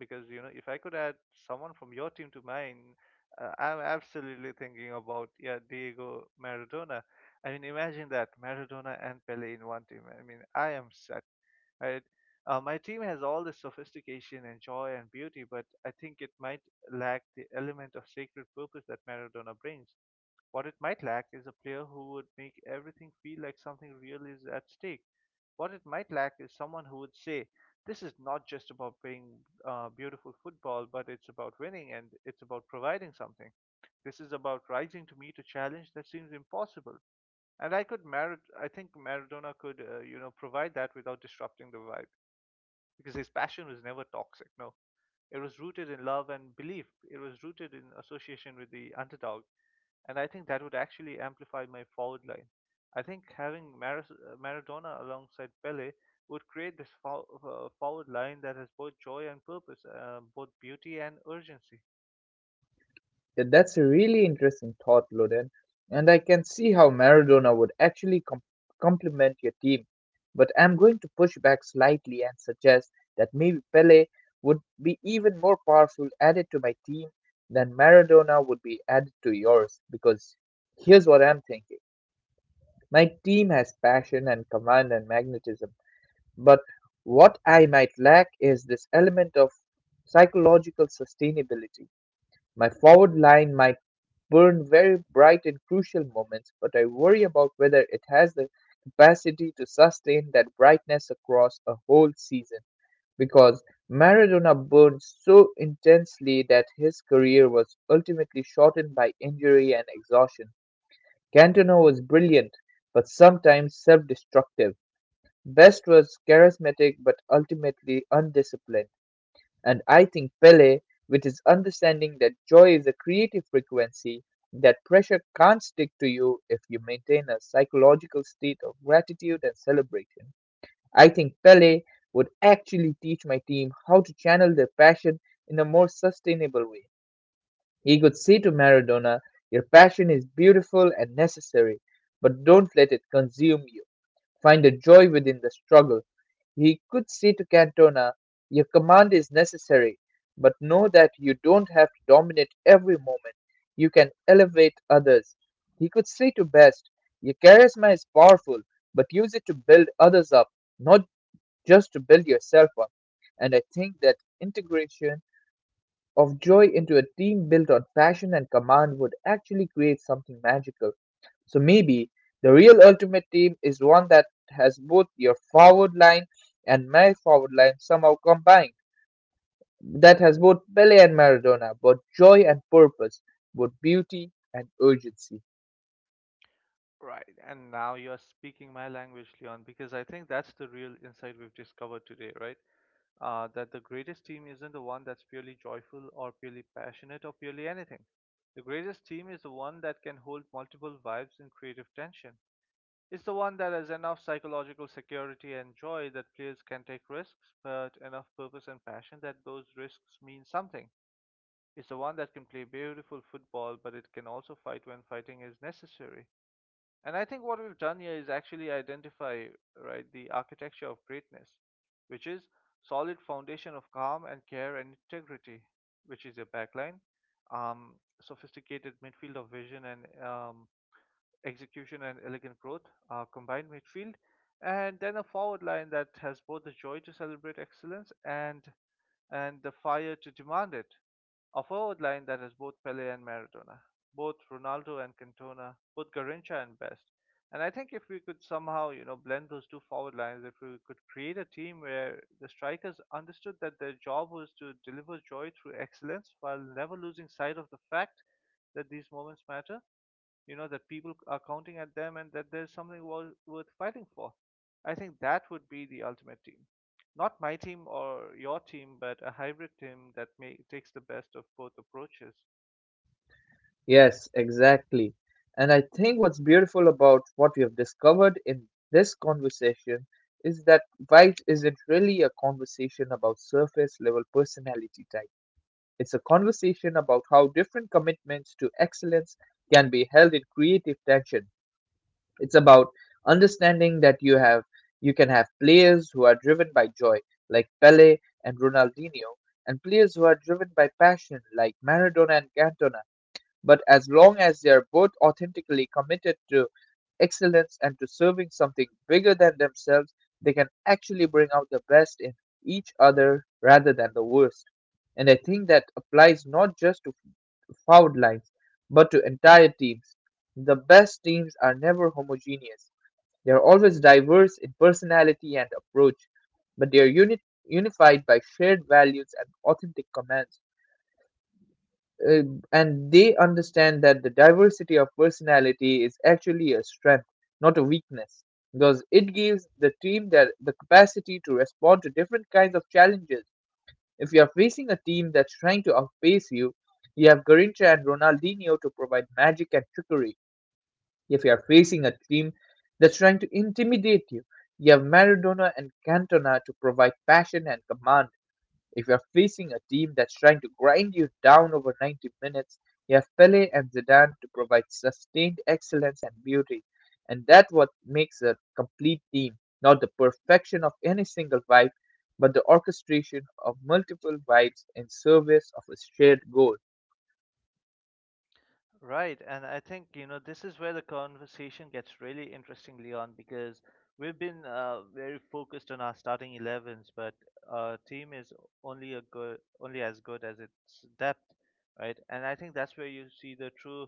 because you know if I could add someone from your team to mine, uh, I'm absolutely thinking about, yeah, Diego Maradona. I mean, imagine that Maradona and Pele in one team. I mean, I am set. Right? Uh, my team has all this sophistication and joy and beauty, but I think it might lack the element of sacred purpose that Maradona brings. What it might lack is a player who would make everything feel like something real is at stake. What it might lack is someone who would say, this is not just about playing uh, beautiful football, but it's about winning and it's about providing something. This is about rising to meet a challenge that seems impossible. And I could Marad- I think Maradona could, uh, you know, provide that without disrupting the vibe because his passion was never toxic. No, it was rooted in love and belief. It was rooted in association with the underdog, and I think that would actually amplify my forward line. I think having Maris- uh, Maradona alongside Pele would create this fo- uh, forward line that has both joy and purpose, uh, both beauty and urgency.
That that's a really interesting thought, Loden, and I can see how Maradona would actually com- complement your team. But I'm going to push back slightly and suggest that maybe Pele would be even more powerful added to my team than Maradona would be added to yours. Because here's what I'm thinking: my team has passion and command and magnetism, but what I might lack is this element of psychological sustainability. My forward line might burn very bright and crucial moments, but I worry about whether it has the capacity to sustain that brightness across a whole season, because Maradona burned so intensely that his career was ultimately shortened by injury and exhaustion. Cantona was brilliant, but sometimes self destructive. Best was charismatic but ultimately undisciplined. And I think Pele, with his understanding that joy is a creative frequency, that pressure can't stick to you if you maintain a psychological state of gratitude and celebration. I think Pele would actually teach my team how to channel their passion in a more sustainable way. He could say to Maradona, your passion is beautiful and necessary, but don't let it consume you. Find the joy within the struggle. He could say to Cantona, your command is necessary, but know that you don't have to dominate every moment. You can elevate others. He could say to Best, your charisma is powerful, but use it to build others up, not just to build yourself up. And I think that integration of joy into a team built on passion and command would actually create something magical. So maybe the real ultimate team is one that has both your forward line and my forward line somehow combined, that has both Pele and Maradona, both joy and purpose, both beauty and urgency.
Right, and now you are speaking my language, Leon, because I think that's the real insight we've discovered today, right? Uh, that the greatest team isn't the one that's purely joyful or purely passionate or purely anything. The greatest team is the one that can hold multiple vibes in creative tension. It's the one that has enough psychological security and joy that players can take risks, but enough purpose and passion that those risks mean something. It's the one that can play beautiful football, but it can also fight when fighting is necessary. And I think what we've done here is actually identify, right, the architecture of greatness, which is solid foundation of calm and care and integrity, which is your backline, um, sophisticated midfield of vision and um, execution and elegant growth, a combined midfield, and then a forward line that has both the joy to celebrate excellence and and the fire to demand it. A forward line that has both Pele and Maradona, both Ronaldo and Cantona, both Garrincha and Best. And I think if we could somehow, you know, blend those two forward lines, if we could create a team where the strikers understood that their job was to deliver joy through excellence while never losing sight of the fact that these moments matter, you know, that people are counting at them and that there's something wor- worth fighting for, I think that would be the ultimate team, not my team or your team, but a hybrid team that may, takes the best of both approaches.
Yes, exactly. And I think what's beautiful about what we have discovered in this conversation is that vibes isn't really a conversation about surface level personality type. It's a conversation about how different commitments to excellence can be held in creative tension. It's about understanding that you have you can have players who are driven by joy, like Pele and Ronaldinho, and players who are driven by passion, like Maradona and Cantona. But as long as they are both authentically committed to excellence and to serving something bigger than themselves, they can actually bring out the best in each other rather than the worst. And I think that applies not just to foul lines, but to entire teams. The best teams are never homogeneous. They are always diverse in personality and approach, but they are uni- unified by shared values and authentic commands uh, and they understand that the diversity of personality is actually a strength, not a weakness, because it gives the team that the capacity to respond to different kinds of challenges. If you are facing a team that's trying to outpace you, you have Garincha and Ronaldinho to provide magic and trickery. If you are facing a team that's trying to intimidate you, you have Maradona and Cantona to provide passion and command. If you're facing a team that's trying to grind you down over ninety minutes, you have Pele and Zidane to provide sustained excellence and beauty. And that's what makes a complete team, not the perfection of any single vibe, but the orchestration of multiple vibes in service of a shared goal.
Right, and I think, you know, this is where the conversation gets really interesting, Leon, because we've been uh, very focused on our starting eleven s, but our team is only a good, only as good as its depth, right? And I think that's where you see the true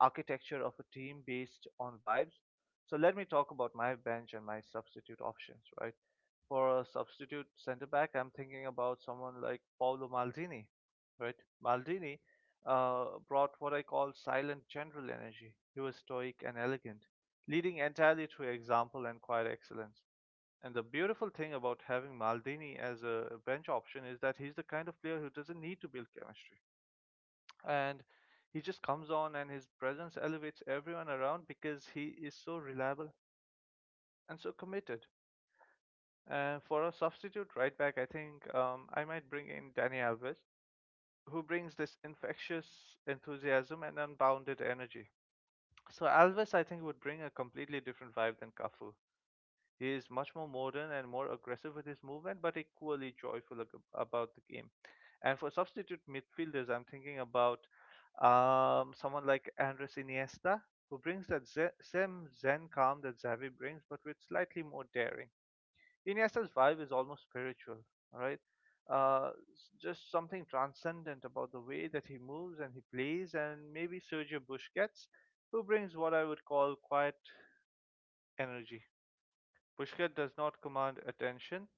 architecture of a team based on vibes. So let me talk about my bench and my substitute options, right? For a substitute centre back, I'm thinking about someone like Paolo Maldini, right? Maldini uh, brought what I call silent general energy. He was stoic and elegant, leading entirely through example and quiet excellence. And the beautiful thing about having Maldini as a bench option is that he's the kind of player who doesn't need to build chemistry. And he just comes on and his presence elevates everyone around because he is so reliable and so committed. Uh, for a substitute right back, I think um, I might bring in Dani Alves, who brings this infectious enthusiasm and unbounded energy. So Alves, I think, would bring a completely different vibe than Cafu. He is much more modern and more aggressive with his movement, but equally joyful ag- about the game. And for substitute midfielders, I'm thinking about um, someone like Andres Iniesta, who brings that ze- same zen calm that Xavi brings, but with slightly more daring. Iniesta's vibe is almost spiritual, right? Uh, s- just something transcendent about the way that he moves and he plays, and maybe Sergio Busquets, who brings what I would call quiet energy. Busquets does not command attention.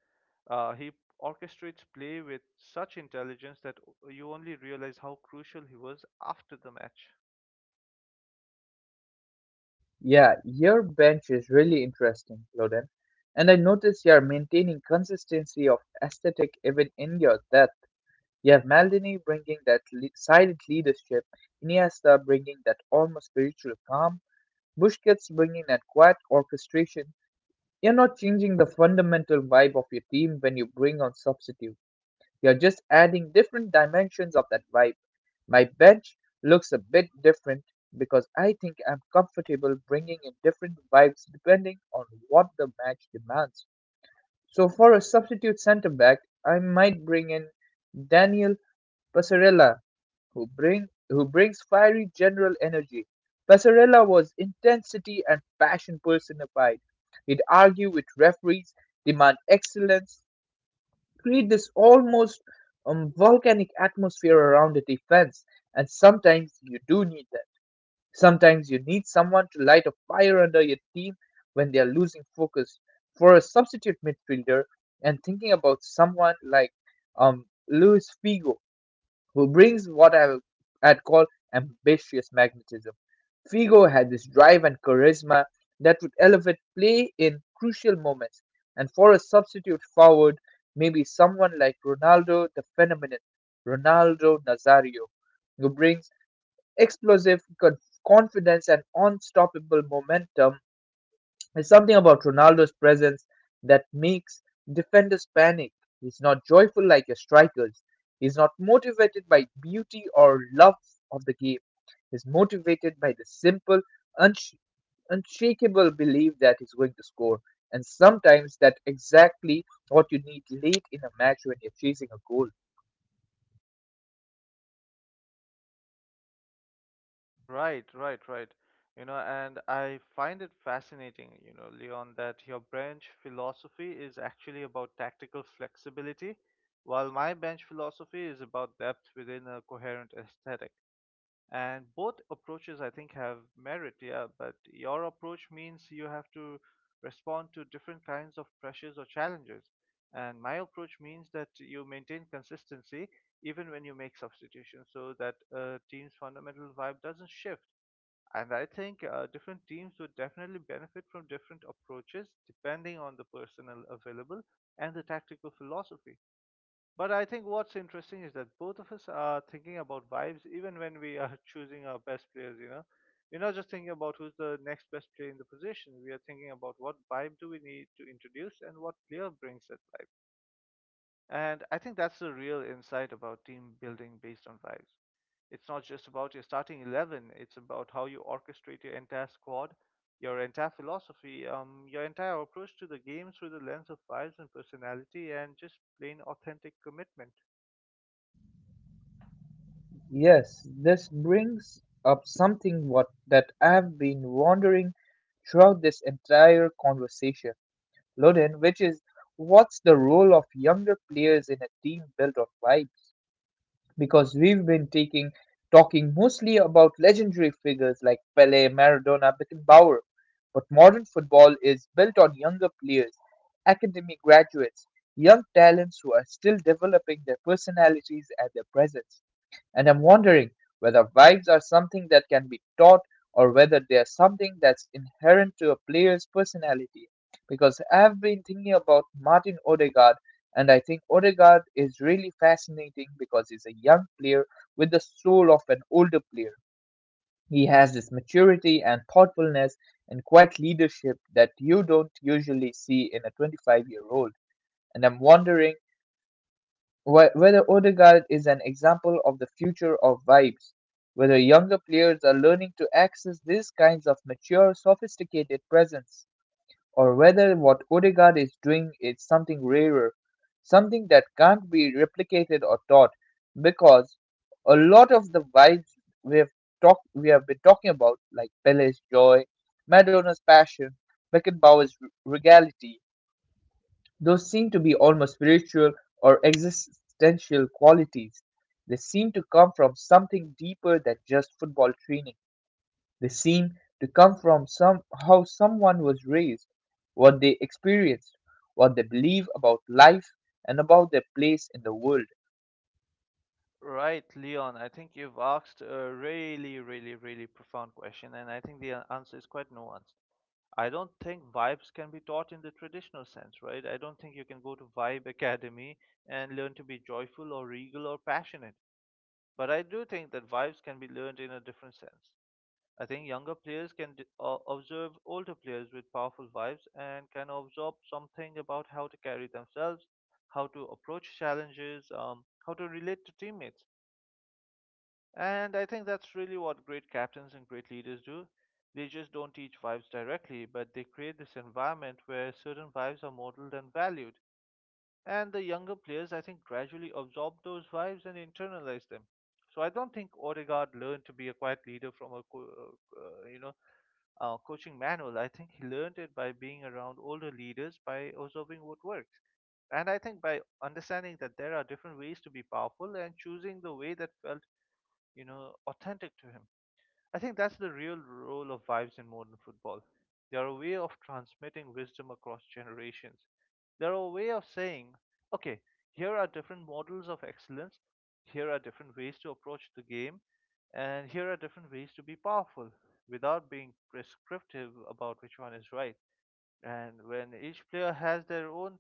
Uh, he orchestrates play with such intelligence that o- you only realize how crucial he was after the match.
Yeah, your bench is really interesting, Loden. And I notice you are maintaining consistency of aesthetic even in your depth. You have Maldini bringing that le- silent leadership, Iniesta bringing that almost spiritual calm, Busquets bringing that quiet orchestration. You're not changing the fundamental vibe of your team when you bring on substitute. You're just adding different dimensions of that vibe. My bench looks a bit different because I think I'm comfortable bringing in different vibes depending on what the match demands. So for a substitute centre back, I might bring in Daniel Passarella who bring who brings fiery general energy. Passarella was intensity and passion personified. He'd argue with referees, demand excellence, create this almost um, volcanic atmosphere around the defense. And sometimes you do need that. Sometimes you need someone to light a fire under your team when they are losing focus. For a substitute midfielder, and thinking about someone like um, Luis Figo, who brings what I had called ambitious magnetism. Figo had this drive and charisma that would elevate play in crucial moments, and for a substitute forward, maybe someone like Ronaldo the phenomenon, Ronaldo Nazario, who brings explosive con- confidence and unstoppable momentum. There's something about Ronaldo's presence that makes defenders panic. He's not joyful like your strikers. He's not motivated by beauty or love of the game. He's motivated by the simple, unsh- unshakable belief that he's going to score. And sometimes that's exactly what you need late in a match when you're chasing a goal.
Right, right, right. You know, and I find it fascinating, you know, Leon, that your bench philosophy is actually about tactical flexibility, while my bench philosophy is about depth within a coherent aesthetic. And both approaches, I think, have merit, yeah, but your approach means you have to respond to different kinds of pressures or challenges. And my approach means that you maintain consistency even when you make substitutions so that a team's fundamental vibe doesn't shift, and I think uh, different teams would definitely benefit from different approaches depending on the personnel available and the tactical philosophy. But I think what's interesting is that both of us are thinking about vibes even when we are choosing our best players, you know. We're not just thinking about who's the next best player in the position. We are thinking about what vibe do we need to introduce and what player brings that vibe. And I think that's the real insight about team building based on vibes. It's not just about your starting eleven, it's about how you orchestrate your entire squad, your entire philosophy, um, your entire approach to the game through the lens of vibes and personality and just plain authentic commitment.
Yes, this brings up something what that I've been wondering throughout this entire conversation. Ludin, which is what's the role of younger players in a team built of vibes? Because we've been taking talking mostly about legendary figures like Pele, Maradona, Beckenbauer, but modern football is built on younger players, academy graduates, young talents who are still developing their personalities and their presence. And I'm wondering whether vibes are something that can be taught or whether they are something that's inherent to a player's personality. Because I've been thinking about Martin Odegaard, and I think Odegaard is really fascinating because he's a young player with the soul of an older player. He has this maturity and thoughtfulness and quiet leadership that you don't usually see in a twenty-five year old. And I'm wondering Wh- Whether Odegaard is an example of the future of vibes, whether younger players are learning to access these kinds of mature, sophisticated presence, or whether what Odegaard is doing is something rarer, something that can't be replicated or taught, because a lot of the vibes we have talked, we have been talking about, like Pele's joy, Madonna's passion, Beckenbauer's r- regality, those seem to be almost spiritual or existential qualities. They seem to come from something deeper than just football training. They seem to come from some how someone was raised, what they experienced, what they believe about life and about their place in the world.
Right, Leon. I think you've asked a really, really, really profound question, and I think the a- answer is quite nuanced. I don't think vibes can be taught in the traditional sense, right? I don't think you can go to Vibe Academy and learn to be joyful or regal or passionate. But I do think that vibes can be learned in a different sense. I think younger players can d- uh, observe older players with powerful vibes and can absorb something about how to carry themselves, how to approach challenges, um, how to relate to teammates. And I think that's really what great captains and great leaders do. They just don't teach vibes directly, but they create this environment where certain vibes are modeled and valued. And the younger players, I think, gradually absorb those vibes and internalize them. So I don't think Odegaard learned to be a quiet leader from a, co- uh, uh, you know, uh, coaching manual. I think he learned it by being around older leaders, by observing what works. And I think by understanding that there are different ways to be powerful and choosing the way that felt, you know, authentic to him. I think that's the real role of vibes in modern football. They are a way of transmitting wisdom across generations. They are a way of saying, okay, here are different models of excellence, here are different ways to approach the game, and here are different ways to be powerful without being prescriptive about which one is right. And when each player has their own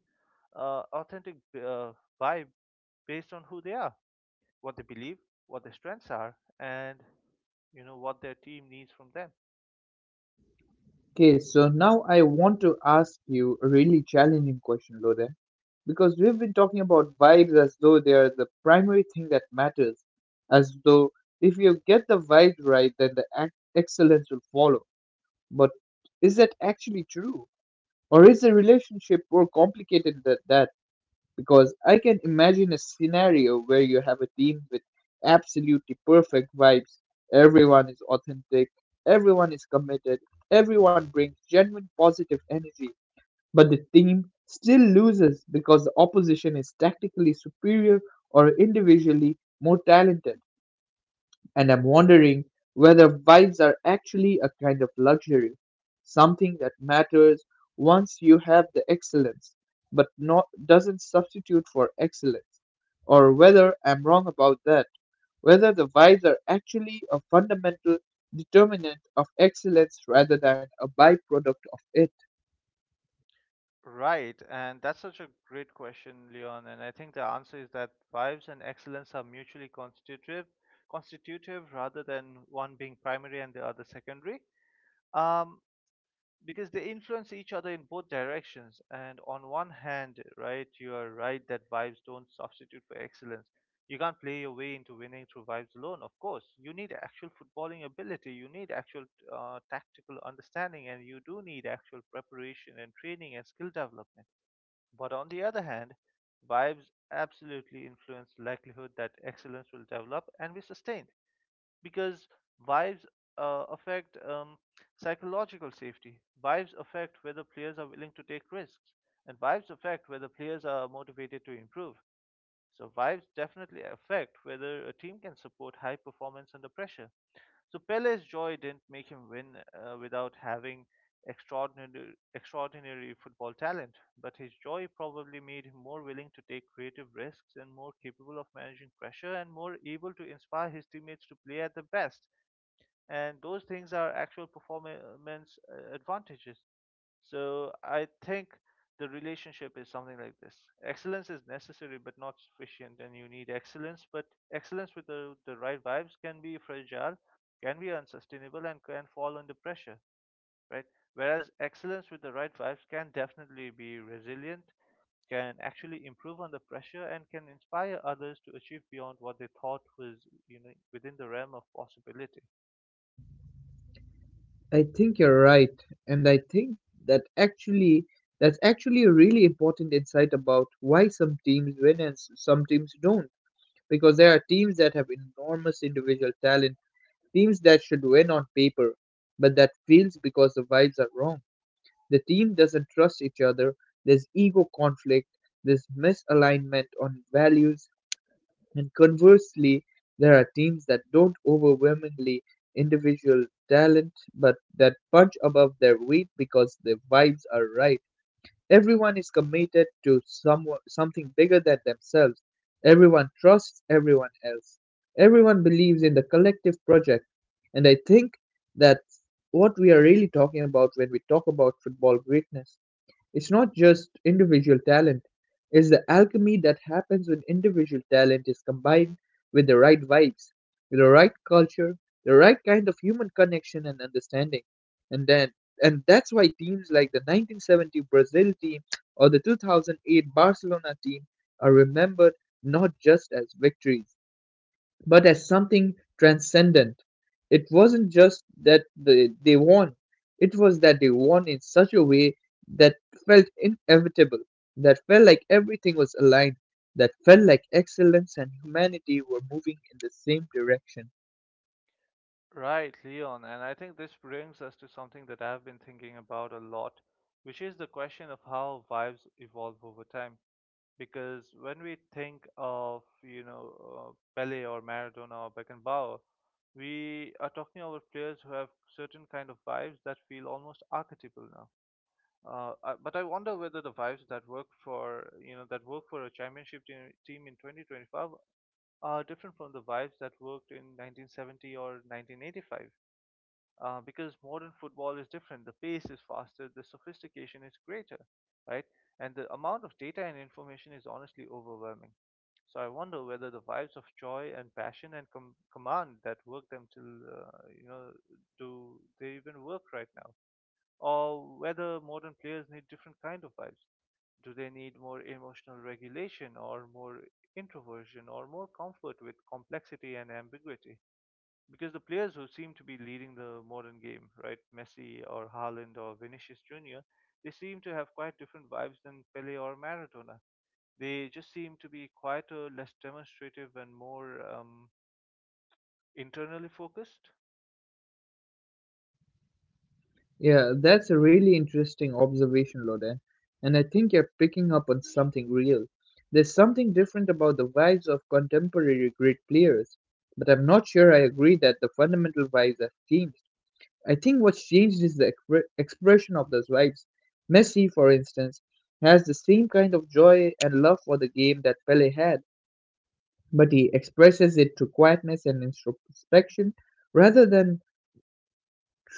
uh, authentic uh, vibe based on who they are, what they believe, what their strengths are, and, you know, what their team needs from them.
Okay, so now I want to ask you a really challenging question, Lode, because we've been talking about vibes as though they are the primary thing that matters, as though if you get the vibes right, then the ac excellence will follow. But is that actually true? Or is the relationship more complicated than that? Because I can imagine a scenario where you have a team with absolutely perfect vibes. Everyone is authentic, everyone is committed, everyone brings genuine positive energy, but the team still loses because the opposition is tactically superior or individually more talented. And I'm wondering whether vibes are actually a kind of luxury, something that matters once you have the excellence, but not doesn't substitute for excellence. Or whether I'm wrong about that, whether the vibes are actually a fundamental determinant of excellence rather than a byproduct of it.
Right, and that's such a great question, Leon. And I think the answer is that vibes and excellence are mutually constitutive, constitutive rather than one being primary and the other secondary. Um, because they influence each other in both directions. And on one hand, right, you are right that vibes don't substitute for excellence. You can't play your way into winning through vibes alone. Of course you need actual footballing ability, you need actual uh, tactical understanding, and you do need actual preparation and training and skill development. But on the other hand, vibes absolutely influence likelihood that excellence will develop and be sustained, because vibes uh, affect um, psychological safety. Vibes affect whether players are willing to take risks, and vibes affect whether players are motivated to improve. So vibes definitely affect whether a team can support high performance under pressure. So Pele's joy didn't make him win uh, without having extraordinary extraordinary football talent, but his joy probably made him more willing to take creative risks and more capable of managing pressure and more able to inspire his teammates to play at their best. And those things are actual performance uh, advantages. So I think the relationship is something like this. Excellence is necessary but not sufficient, and you need excellence, but excellence with the, the right vibes can be fragile, can be unsustainable, and can fall under pressure, right? Whereas excellence with the right vibes can definitely be resilient, can actually improve under pressure, and can inspire others to achieve beyond what they thought was, you know within the realm of possibility.
I think you're right, and I think that actually that's actually a really important insight about why some teams win and s- some teams don't, because there are teams that have enormous individual talent, teams that should win on paper, but that fails because the vibes are wrong. The team doesn't trust each other, there's ego conflict, there's misalignment on values, and conversely, there are teams that don't overwhelmingly individual talent but that punch above their weight because the vibes are right. Everyone is committed to some, something bigger than themselves. Everyone trusts everyone else. Everyone believes in the collective project. And I think that's what we are really talking about when we talk about football greatness. It's not just individual talent, it's the alchemy that happens when individual talent is combined with the right vibes, with the right culture, the right kind of human connection and understanding. And then and that's why teams like the nineteen seventy Brazil team or the two thousand eight Barcelona team are remembered not just as victories but as something transcendent. It wasn't just that the, they won, it was that they won in such a way that felt inevitable, that felt like everything was aligned, that felt like excellence and humanity were moving in the same direction.
Right, Leon. And I think this brings us to something that I've been thinking about a lot, which is the question of how vibes evolve over time. Because when we think of, you know, uh, Pele or Maradona or Beckenbauer, we are talking about players who have certain kind of vibes that feel almost archetypal now. Uh, I, but I wonder whether the vibes that work for, you know, that work for a championship team, team in twenty twenty-five are different from the vibes that worked in nineteen seventy or nineteen eighty-five, uh, because modern football is different. The pace is faster, the sophistication is greater, right? And the amount of data and information is honestly overwhelming. So I wonder whether the vibes of joy and passion and com- command that work them till, uh, you know do they even work right now, or whether modern players need different kind of vibes. Do they need more emotional regulation, or more introversion, or more comfort with complexity and ambiguity? Because the players who seem to be leading the modern game, right, Messi or Haaland or Vinicius Junior, they seem to have quite different vibes than Pele or Maradona. They just seem to be quieter, less demonstrative, and more um, internally focused.
Yeah, that's a really interesting observation, Loden. And I think you're picking up on something real. There's something different about the vibes of contemporary great players, but I'm not sure I agree that the fundamental vibes have changed. I think what's changed is the expre- expression of those vibes. Messi, for instance, has the same kind of joy and love for the game that Pele had, but he expresses it through quietness and introspection rather than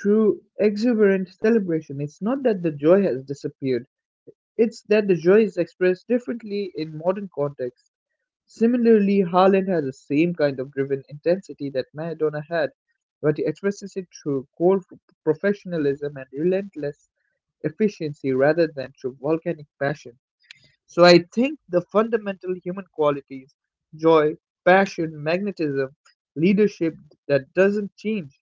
through exuberant celebration. It's not that the joy has disappeared, it's that the joy is expressed differently in modern contexts. Similarly, Haaland has the same kind of driven intensity that Maradona had, but he expresses it through cold professionalism and relentless efficiency rather than through volcanic passion. So I think the fundamental human qualities, joy, passion, magnetism, leadership, that doesn't change,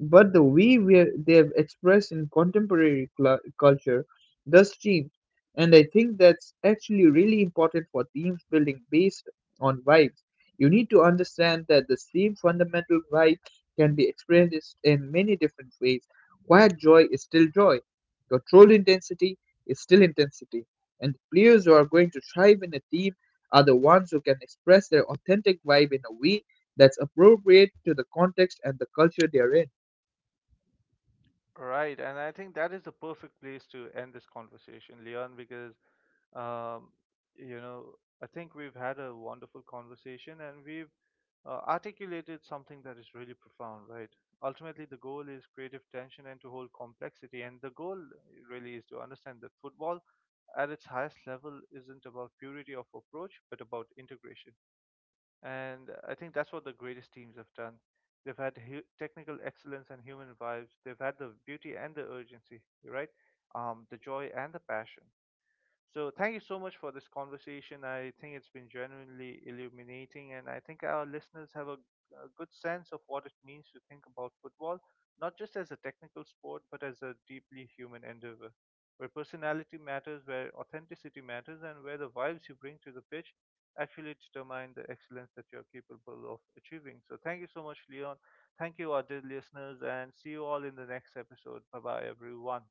but the way we they've expressed in contemporary cl- culture does change, and I think that's actually really important for teams building based on vibes. You need to understand that the same fundamental vibe can be experienced in many different ways. Quiet joy is still joy. Controlled intensity is still intensity. And players who are going to thrive in a team are the ones who can express their authentic vibe in a way that's appropriate to the context and the culture they're in.
Right, and I think that is the perfect place to end this conversation, Leon, because um, you know, I think we've had a wonderful conversation and we've uh, articulated something that is really profound, right? Ultimately, the goal is creative tension and to hold complexity, and the goal really is to understand that football at its highest level isn't about purity of approach but about integration. And I think that's what the greatest teams have done. They've had hu- technical excellence and human vibes. They've had the beauty and the urgency, you're right? Um, the joy and the passion. So thank you so much for this conversation. I think it's been genuinely illuminating, and I think our listeners have a, a good sense of what it means to think about football, not just as a technical sport, but as a deeply human endeavor, where personality matters, where authenticity matters, and where the vibes you bring to the pitch actually determine the excellence that you're capable of achieving. So thank you so much, Leon. Thank you, our dear listeners, and see you all in the next episode. Bye bye, everyone.